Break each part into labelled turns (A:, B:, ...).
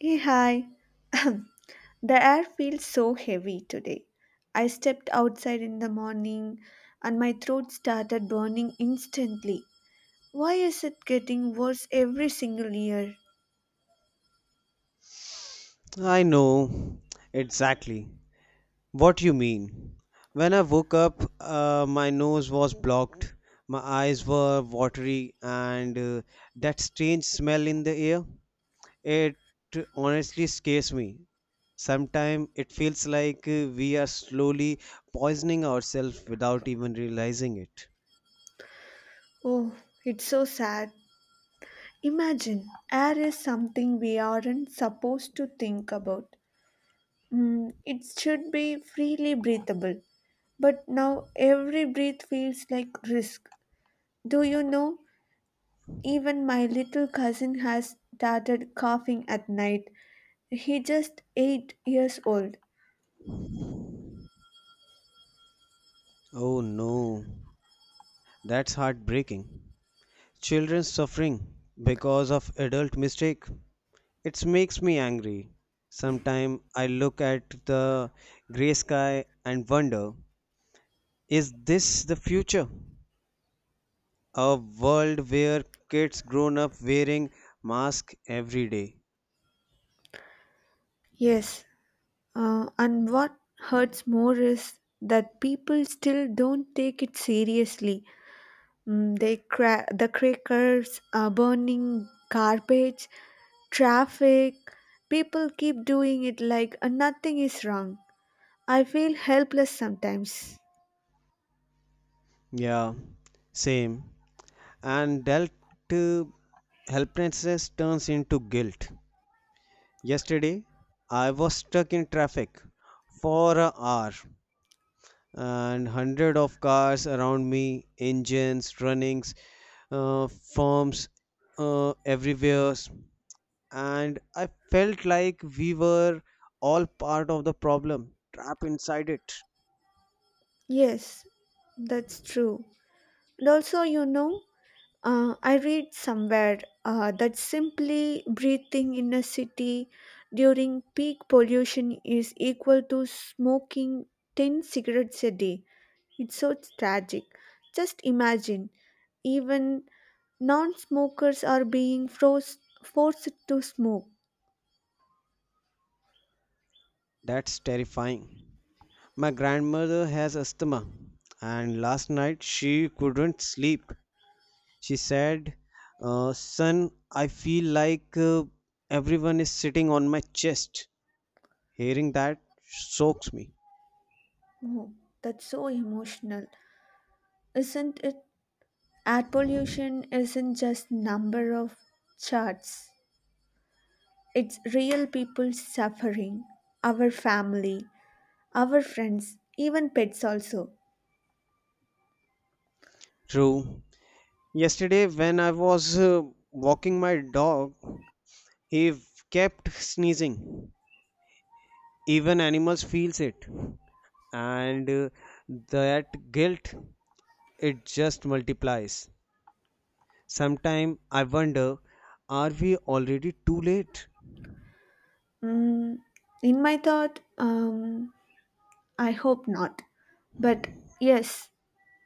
A: Hey, hi. The air feels so heavy today. I stepped outside in the morning and my throat started burning instantly. Why is it getting worse every single year?
B: I know exactly what you mean. When I woke up, my nose was blocked, my eyes were watery, and that strange smell in the air, it honestly scares me. Sometimes it feels like we are slowly poisoning ourselves without even realizing it.
A: Oh, it's so sad. Imagine, air is something we aren't supposed to think about. Mm, it should be freely breathable, but now every breath feels like risk. Do you know? Even my little cousin has started coughing at night. He just 8 years old.
B: Oh no, that's heartbreaking. Children suffering because of adult mistake. It makes me angry. Sometimes I look at the gray sky and wonder, is this the future? A world where kids grown up wearing masks every day.
A: Yes, and what hurts more is that people still don't take it seriously. Mm, the crackers, burning garbage, traffic. People keep doing it like nothing is wrong. I feel helpless sometimes.
B: Yeah, same. And dealt uh, helplessness turns into guilt. Yesterday, I was stuck in traffic for an hour and hundred of cars around me engines runnings, uh, firms everywhere, and I felt like we were all part of the problem trapped inside it.
A: Yes, that's true. And also, I read somewhere that simply breathing in a city during peak pollution is equal to smoking 10 cigarettes a day. It's so tragic. Just imagine, even non smokers are being froze, forced to smoke.
B: That's terrifying. My grandmother has asthma, and last night she couldn't sleep. She said, son, I feel like everyone is sitting on my chest. Hearing that soaks me.
A: Oh, that's so emotional. Isn't it? Air pollution isn't just number of charts. It's real people suffering, our family, our friends, even pets also.
B: True. Yesterday, when I was walking my dog, he kept sneezing. Even animals feels it, and that guilt, it just multiplies. Sometime I wonder, are we already too late?
A: Mm, in my thought, I hope not. But yes,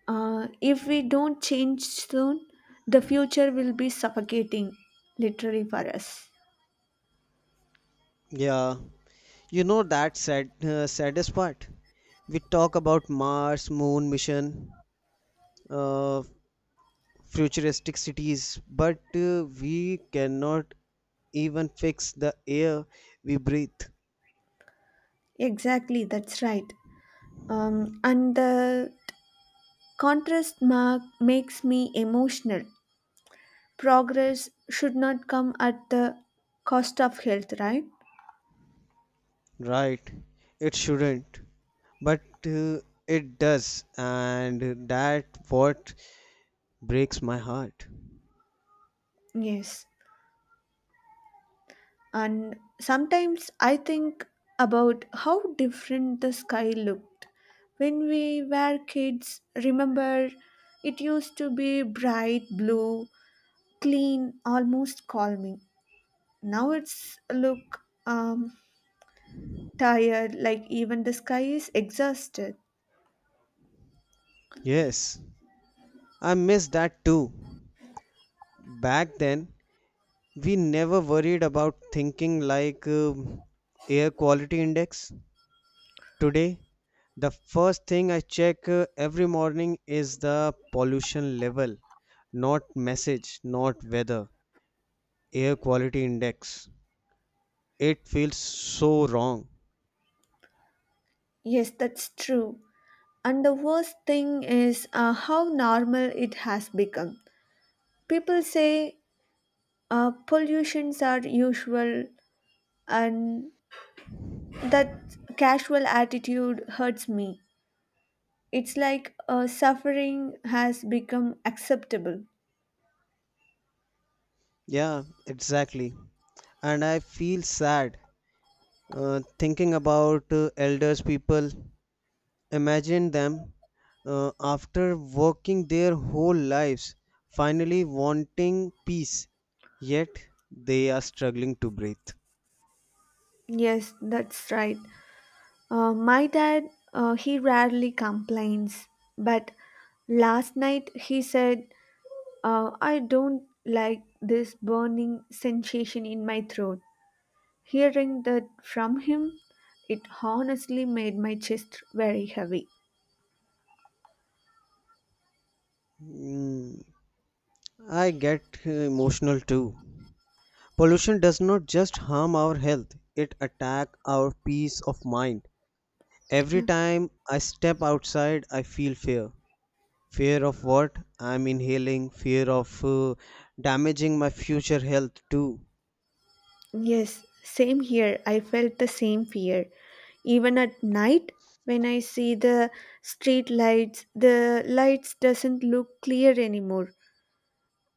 A: if we don't change soon, the future will be suffocating, literally for us.
B: Yeah, you know that sad, saddest part. We talk about Mars, Moon mission, uh, futuristic cities, but we cannot even fix the air we breathe,
A: Exactly, that's right. And the contrast mark makes me emotional. Progress should not come at the cost of health, right?
B: right? It shouldn't, but it does, and that what breaks my heart.
A: Yes. And sometimes I think about how different the sky looked. When we were kids, remember it used to be bright blue, clean, almost calming. Now it's look um, tired, like even the sky is exhausted.
B: Yes, I miss that too. Back then, we never worried about thinking like air quality index. Today the first thing I check every morning is the pollution level, not message, not weather, air quality index. It feels so wrong.
A: Yes, that's true. And the worst thing is how normal it has become. People say pollutions are usual and that casual attitude hurts me. It's like suffering has become acceptable.
B: Yeah, exactly. And I feel sad, thinking about elders people. Imagine them after working their whole lives, finally wanting peace, yet they are struggling to breathe.
A: Yes, that's right. My dad, he rarely complains, but last night he said, I don't like this burning sensation in my throat. Hearing that from him, it honestly made my chest very heavy.
B: Mm, I get emotional too. Pollution does not just harm our health, it attack our peace of mind. Every
A: Yeah.
B: time I step outside, I feel fear. Fear of what I'm inhaling, fear of damaging my future health too.
A: Yes, same here. I felt the same fear. Even at night when I see the street lights, the lights doesn't look clear anymore.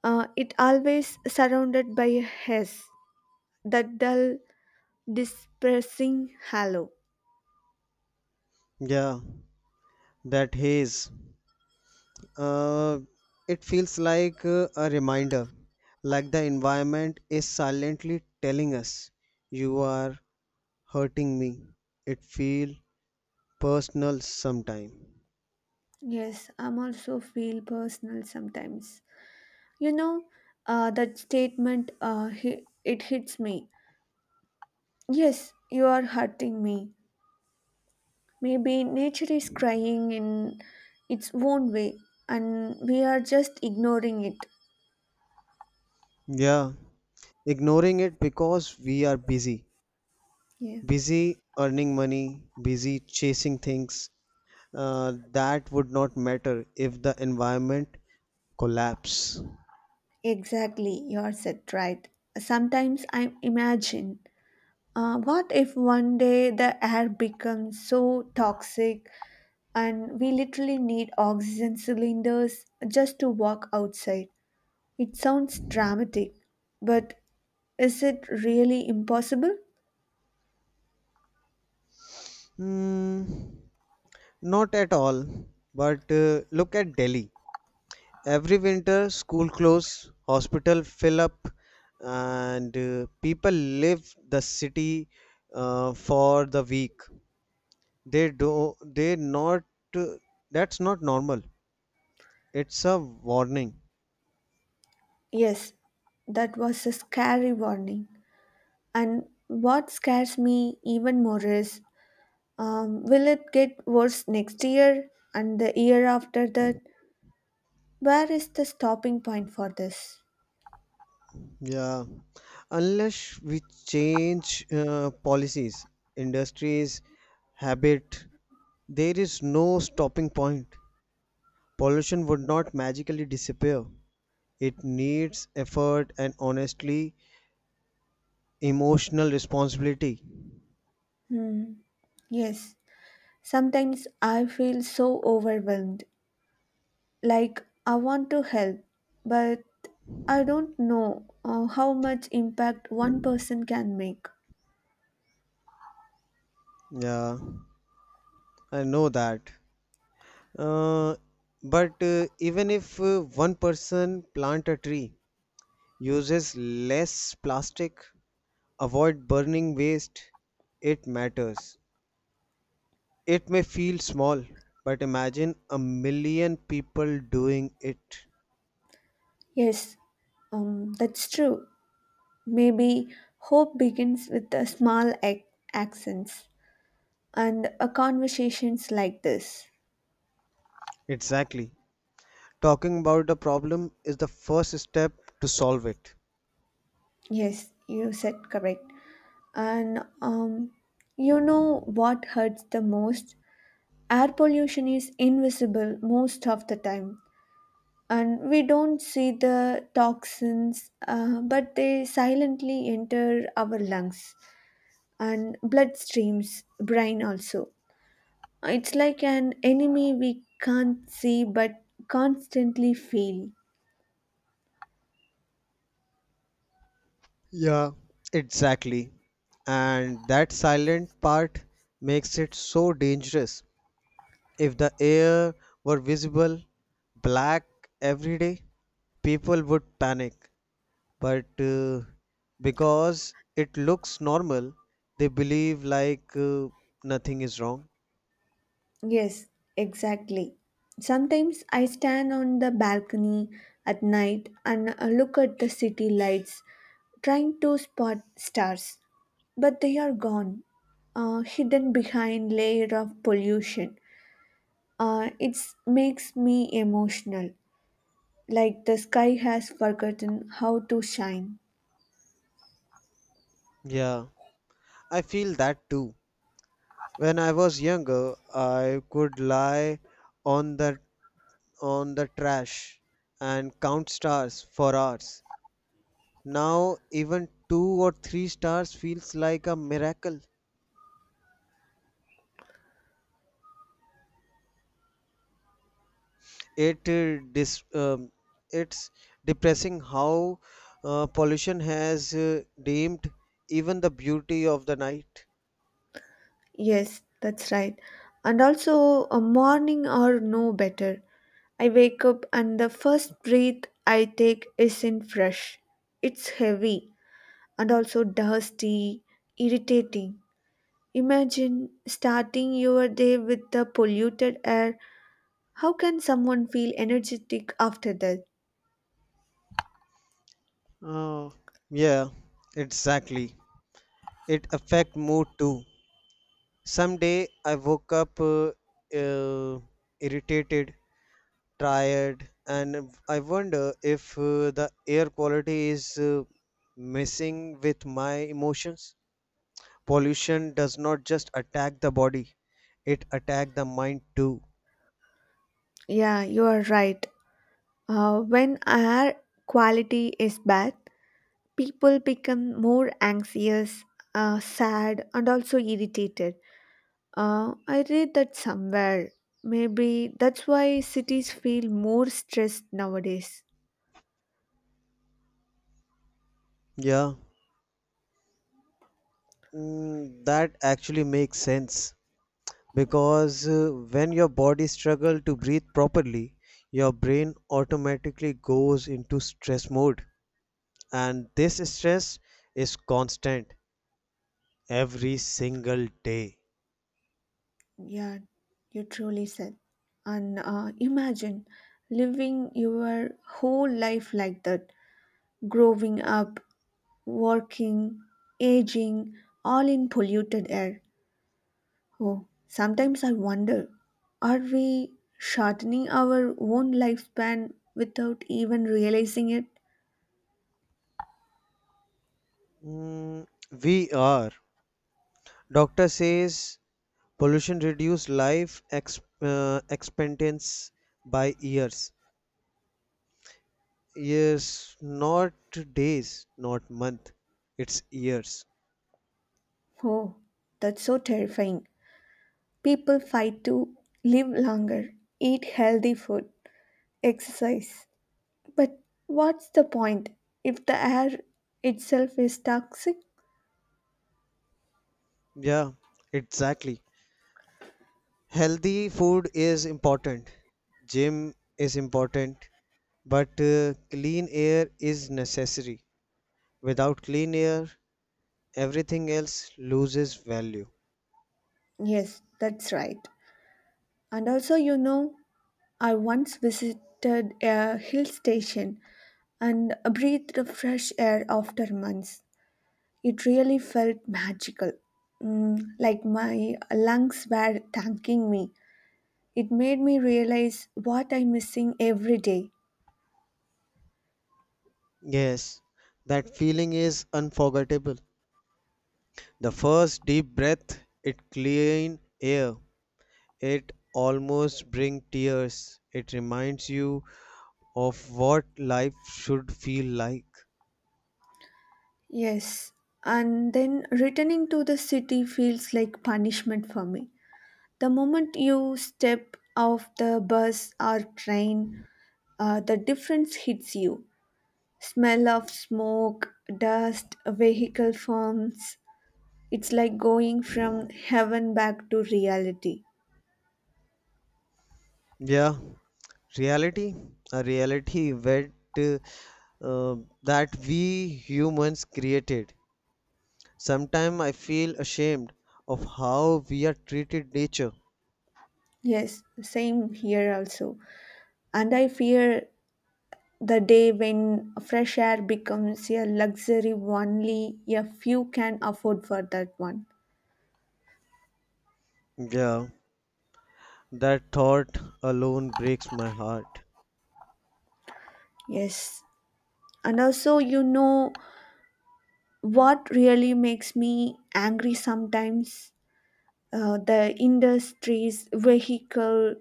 A: It always surrounded by a haze, that dull, dispersing halo.
B: Yeah, that haze. Uh, it feels like a reminder, like the environment is silently telling us, "You are hurting me." It feel personal sometime.
A: Yes, I'm also feel personal sometimes. You know, that statement it hits me. Yes, you are hurting me. Maybe nature is crying in its own way and we are just ignoring it.
B: Yeah, ignoring it because we are busy.
A: Yeah,
B: Busy earning money, busy chasing things that would not matter if the environment collapse.
A: exactly. You are said right. Sometimes I imagine what if one day the air becomes so toxic and we literally need oxygen cylinders just to walk outside? It sounds dramatic, but is it really impossible?
B: Hmm, not at all. But look at Delhi. Every winter, school close, hospital fill up, and people leave the city for the week. They do they not, that's not normal. It's a warning.
A: Yes, that was a scary warning. And what scares me even more is will it get worse next year and the year after that? Where is the stopping point for this?
B: Yeah. Unless we change policies, industries, habit, there is no stopping point. Pollution would not magically disappear. It needs effort and honestly emotional responsibility.
A: Hmm. Yes, sometimes I feel so overwhelmed. Like I want to help, but I don't know how much impact one person can make.
B: Yeah, I know that. Uh, but even if one person plant a tree, uses less plastic, avoid burning waste. It matters. It may feel small, but imagine a million people doing it.
A: Yes, that's true. Maybe hope begins with a small accents. And conversations like this.
B: Exactly. Talking about a problem is the first step to solve it.
A: Yes, you said correct. And you know what hurts the most, air pollution is invisible most of the time, and we don't see the toxins, but they silently enter our lungs and bloodstreams, brain also. It's like an enemy we can't see but constantly feel.
B: Yeah, exactly. And that silent part makes it so dangerous. If the air were visible, black every day, people would panic. But because it looks normal, they believe like nothing is wrong.
A: Yes, exactly. Sometimes I stand on the balcony at night and look at the city lights, trying to spot stars, but they are gone, hidden behind layer of pollution. It makes me emotional, like the sky has forgotten how to shine.
B: Yeah, I feel that too. When I was younger, I could lie on the on the trash and count stars for hours. Now even two or three stars feels like a miracle. It dis it's depressing how pollution has dimmed even the beauty of the night.
A: Yes, that's right. And also, a morning or no better. I wake up and the first breath I take isn't fresh. It's heavy and also dusty, irritating. Imagine starting your day with the polluted air. How can someone feel energetic after that?
B: Oh yeah, exactly. It affect mood too. Some day I woke up, uh, irritated, tired, and I wonder if the air quality is messing with my emotions. Pollution does not just attack the body, it attack the mind too.
A: Yeah, you are right. When air quality is bad, people become more anxious, sad, and also irritated. I read that somewhere. Maybe that's why cities feel more stressed nowadays.
B: Yeah. Mm, that actually makes sense, because when your body struggle to breathe properly, your brain automatically goes into stress mode, and this stress is constant every single day.
A: Yeah, you truly said. And imagine living your whole life like that, growing up, working, aging, all in polluted air. Oh, sometimes I wonder, are we shortening our own lifespan without even realizing it?
B: Mm, we are. Doctor says pollution reduce life expectancy by years. Yes, not days, not month. It's years.
A: Oh, that's so terrifying. People fight to live longer, eat healthy food, exercise. But what's the point if the air itself is toxic?
B: Yeah, exactly. Healthy food is important. Gym is important, but clean air is necessary. Without clean air, everything else loses value.
A: Yes, that's right. And also, you know, I once visited a hill station and breathed the fresh air after months. It really felt magical, mm, like my lungs were thanking me. It made me realize what I'm missing every day.
B: Yes, that feeling is unforgettable. The first deep breath, it clean air. It almost bring tears. It reminds you of what life should feel like.
A: Yes, and then returning to the city feels like punishment for me. The moment you step off the bus or train, the difference hits you. Smell of smoke, dust, vehicle fumes. It's like going from heaven back to reality.
B: Yeah, reality, a reality that, uh, that we humans created. Sometimes I feel ashamed of how we are treated nature.
A: Yes, same here also. And I fear the day when fresh air becomes a luxury only a few can afford for that one.
B: Yeah, that thought alone breaks my heart.
A: Yes. And also, you know what really makes me angry sometimes? The industries, vehicle,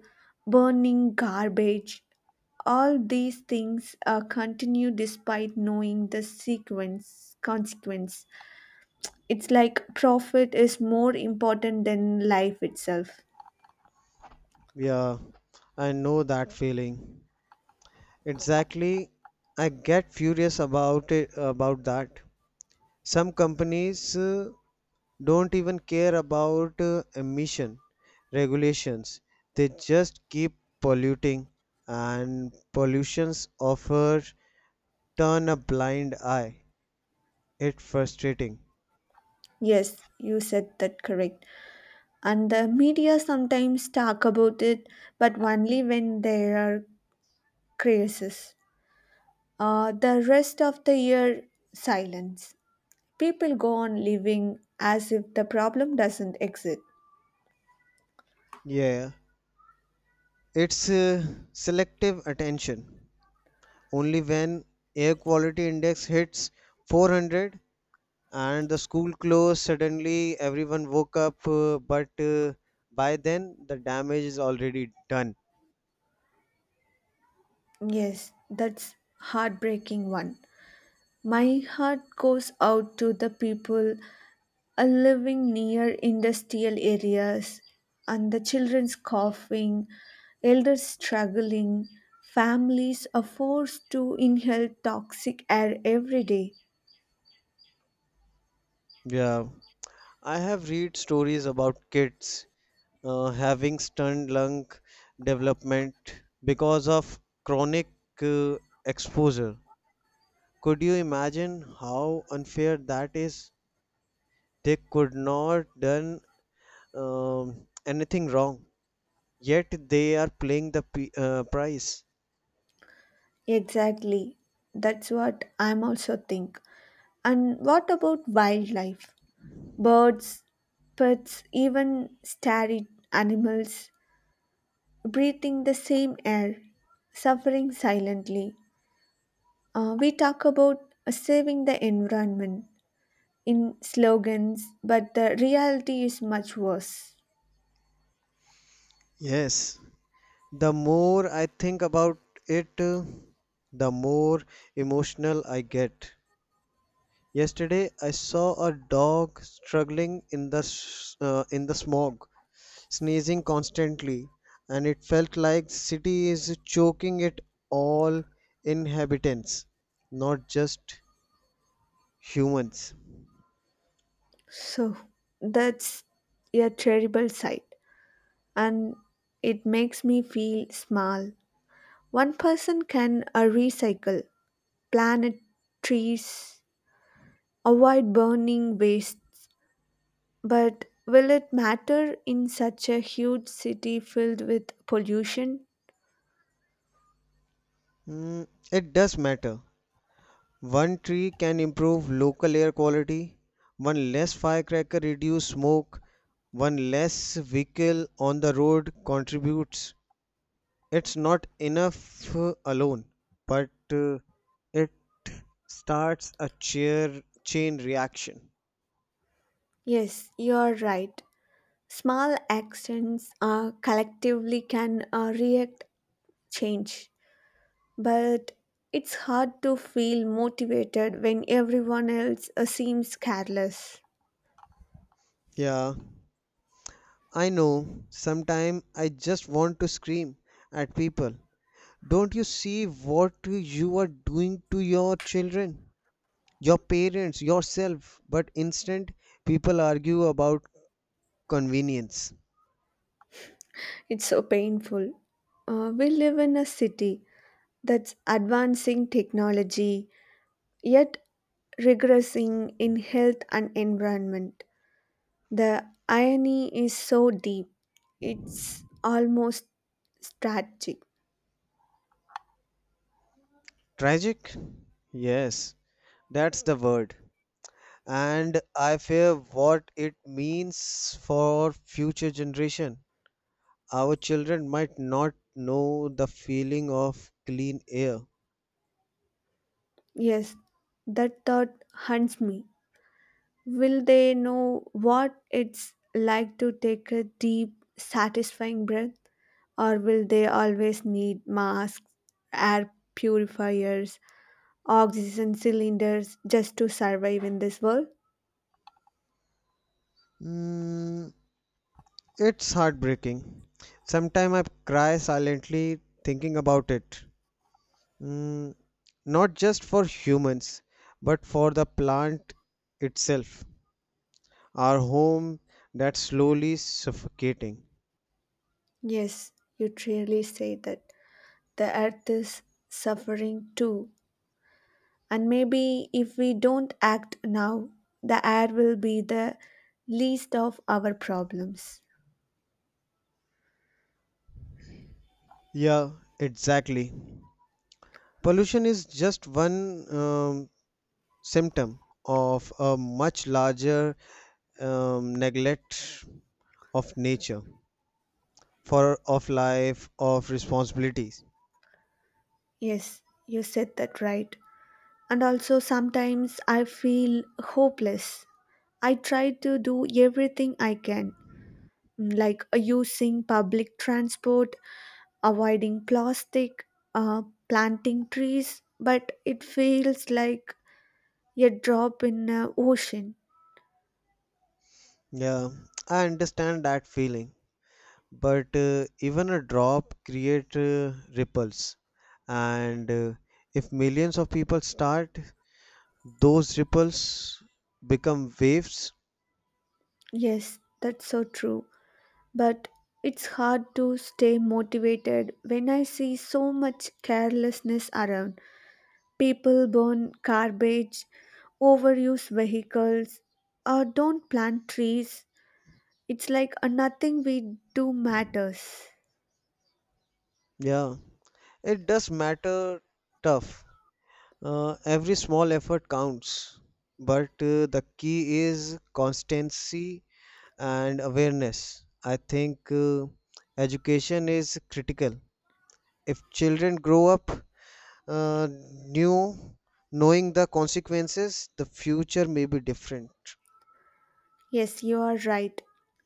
A: burning garbage, all these things continue despite knowing the sequence consequence. It's like profit is more important than life itself.
B: Yeah, I know that feeling. Exactly, I get furious about it about that. Some companies don't even care about emission regulations. They just keep polluting, and pollutions offer turn a blind eye. It's frustrating.
A: Yes, you said that correct. And the media sometimes talk about it, but only when there are crises. The rest of the year, silence. People go on living as if the problem doesn't exist.
B: Yeah, it's selective attention. Only when air quality index hits 400 and the school closed suddenly, everyone woke up. But by then, the damage is already done.
A: Yes, that's heartbreaking one. My heart goes out to the people living near industrial areas and the children's coughing, elders struggling, families are forced to inhale toxic air every day.
B: Yeah. I have read stories about kids having stunned lung development because of chronic uh, exposure. Could you imagine how unfair that is? They could not done anything wrong, yet they are playing the price.
A: Exactly. That's what I'm also think. And what about wildlife? Birds, pets, even starry animals breathing the same air, suffering silently. We talk about saving the environment, in slogans, but the reality is much worse.
B: Yes, the more I think about it, the more emotional I get. Yesterday, I saw a dog struggling in the in the smog, sneezing constantly, and it felt like the city is choking it, all inhabitants, not just humans.
A: So that's a terrible sight, and it makes me feel small. One person can recycle, plant trees, avoid burning wastes, but will it matter in such a huge city filled with pollution?
B: Mm, it does matter. One tree can improve local air quality, one less firecracker reduce smoke, one less vehicle on the road contributes. It's not enough alone, but it starts a chain reaction.
A: Yes, you're right. Small actions collectively can react change. But it's hard to feel motivated when everyone else seems careless.
B: Yeah, I know. Sometimes I just want to scream at people. Don't you see what you are doing to your children, your parents, yourself? But instant, people argue about convenience.
A: It's so painful. We live in a city that's advancing technology yet regressing in health and environment. The irony is so deep, it's almost tragic.
B: Tragic? Yes, that's the word. And I fear what it means for future generation. Our children might not know the feeling of clean air.
A: Yes, that thought haunts me. Will they know what it's like to take a deep, satisfying breath? Or will they always need masks, air purifiers, oxygen cylinders just to survive in this world?
B: Mm, it's heartbreaking. Sometimes I cry silently thinking about it. Mm, not just for humans, but for the plant itself. Our home that's slowly suffocating.
A: Yes, you truly say that. The earth is suffering too. And maybe if we don't act now, the air will be the least of our problems.
B: Yeah, exactly. Pollution is just one symptom of a much larger neglect of nature, for of life of responsibilities.
A: Yes, you said that right. And also sometimes I feel hopeless. I try to do everything I can, like using public transport, avoiding plastic, uh, planting trees, but it feels like a drop in an ocean.
B: Yeah, I understand that feeling, but even a drop create ripples, and if millions of people start, those ripples become waves.
A: Yes, that's so true. But it's hard to stay motivated when I see so much carelessness around. People burn garbage, overuse vehicles, or don't plant trees. It's like a nothing we do matters.
B: Yeah, it does matter, tough. Every small effort counts, but the key is constancy and awareness. I think education is critical. If children grow up, uh, new, knowing the consequences, the future may be different.
A: Yes, you are right.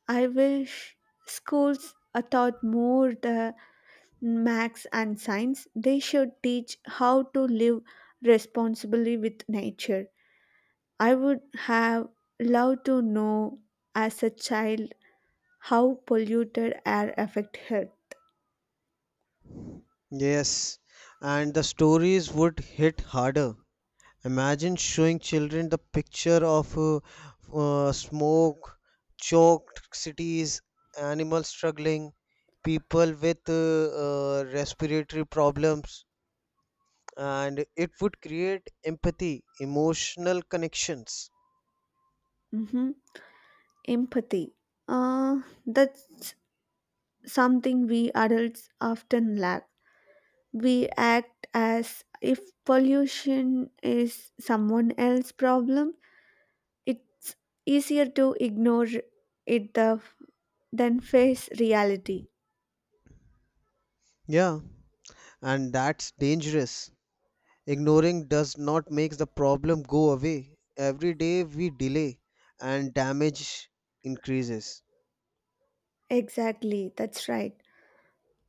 A: I wish schools taught more the max and science. They should teach how to live responsibly with nature. I would have loved to know as a child how polluted air affect health.
B: Yes, and the stories would hit harder. Imagine showing children the picture of smoke, choked cities, animals struggling, people with respiratory problems, and it would create empathy, emotional connections.
A: Mhm. Empathy. That's something we adults often lack. We act as if pollution is someone else's problem. It's easier to ignore it, than face reality.
B: Yeah, and that's dangerous. Ignoring does not make the problem go away. Every day we delay and damage increases.
A: Exactly, that's right.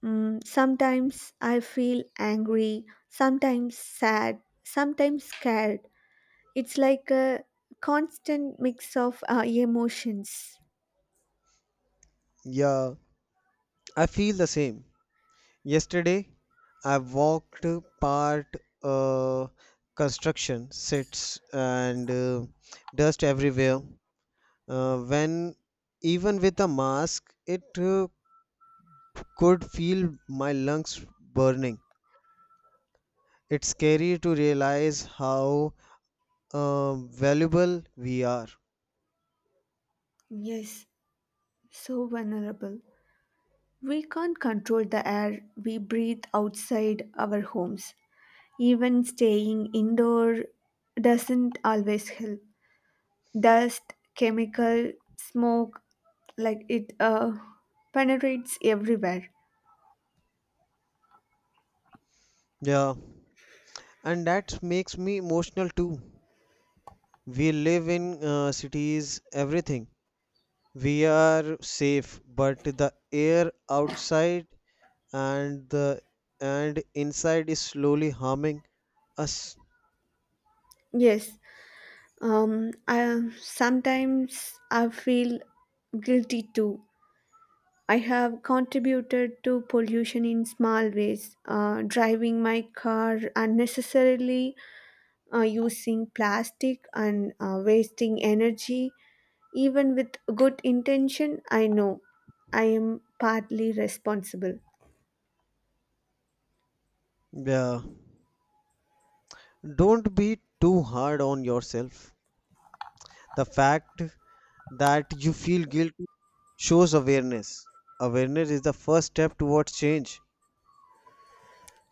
A: Mm, sometimes I feel angry, sometimes sad, sometimes scared. It's like a constant mix of emotions.
B: Yeah, I feel the same. Yesterday, I walked part uh, construction sites and dust everywhere. When even with a mask, it could feel my lungs burning. It's scary to realize how valuable we are.
A: Yes, so vulnerable. We can't control the air we breathe outside our homes. Even staying indoor doesn't always help. Dust, chemical, smoke, like it penetrates everywhere.
B: Yeah, and that makes me emotional too. We live in cities, everything. We are safe, but the air outside and the and inside is slowly harming us.
A: Yes, sometimes I feel guilty too. I have contributed to pollution in small ways, driving my car unnecessarily, using plastic and wasting energy. Even with good intention, I know I am partly responsible.
B: Yeah. Don't be too hard on yourself. The fact that you feel guilty shows awareness. Awareness is the first step towards change.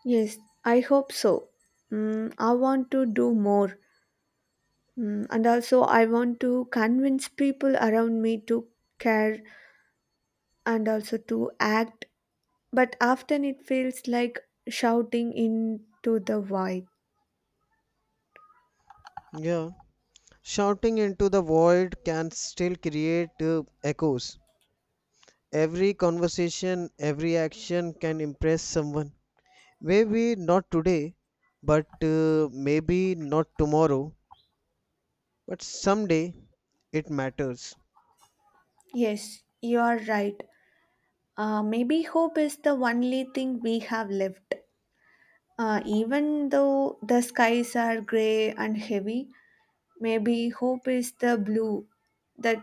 A: Yes, I hope so. Mm, I want to do more. Mm, and also, I want to convince people around me to care and also to act. But often it feels like shouting into the void.
B: Yeah. Shouting into the void can still create echoes. Every conversation, every action can impress someone. Maybe not today, but maybe not tomorrow, but someday it matters.
A: Yes, you are right. Maybe hope is the only thing we have left. Even though the skies are gray and heavy, maybe hope is the blue that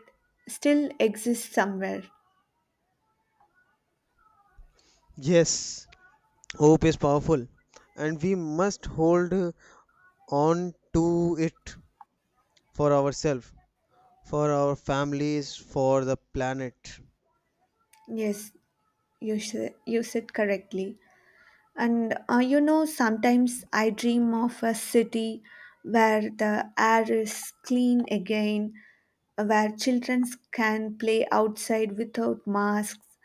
A: still exists somewhere.
B: Yes, hope is powerful, and we must hold on to it for ourselves, for our families, for the planet.
A: Yes, you said correctly. And you know, sometimes I dream of a city where the air is clean again, where children can play outside without masks,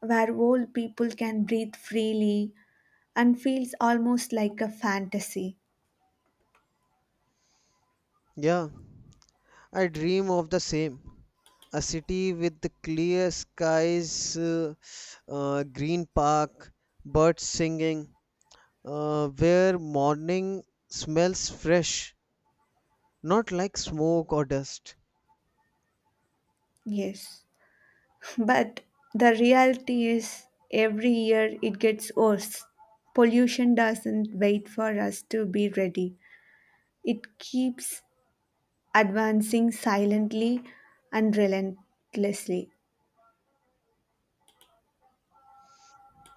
A: where old people can breathe freely, and feels almost like a fantasy.
B: Yeah, I dream of the same. A city with the clear skies, green park, birds singing, where morning smells fresh, not like smoke or dust.
A: Yes. But the reality is, every year it gets worse. Pollution doesn't wait for us to be ready, it keeps advancing silently and relentlessly.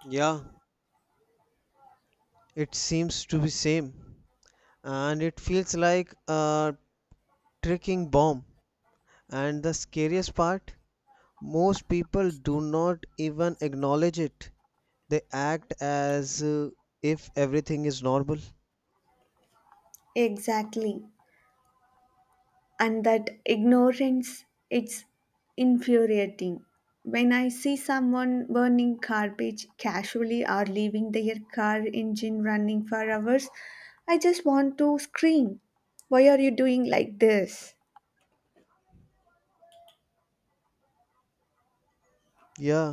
B: Yeah, it seems to be same, and it feels like a ticking bomb. And the scariest part, most people do not even acknowledge it. They act as if everything is normal.
A: Exactly. And that ignorance, it's infuriating. When I see someone burning garbage casually or leaving their car engine running for hours, I just want to scream. Why are you doing like this?
B: Yeah.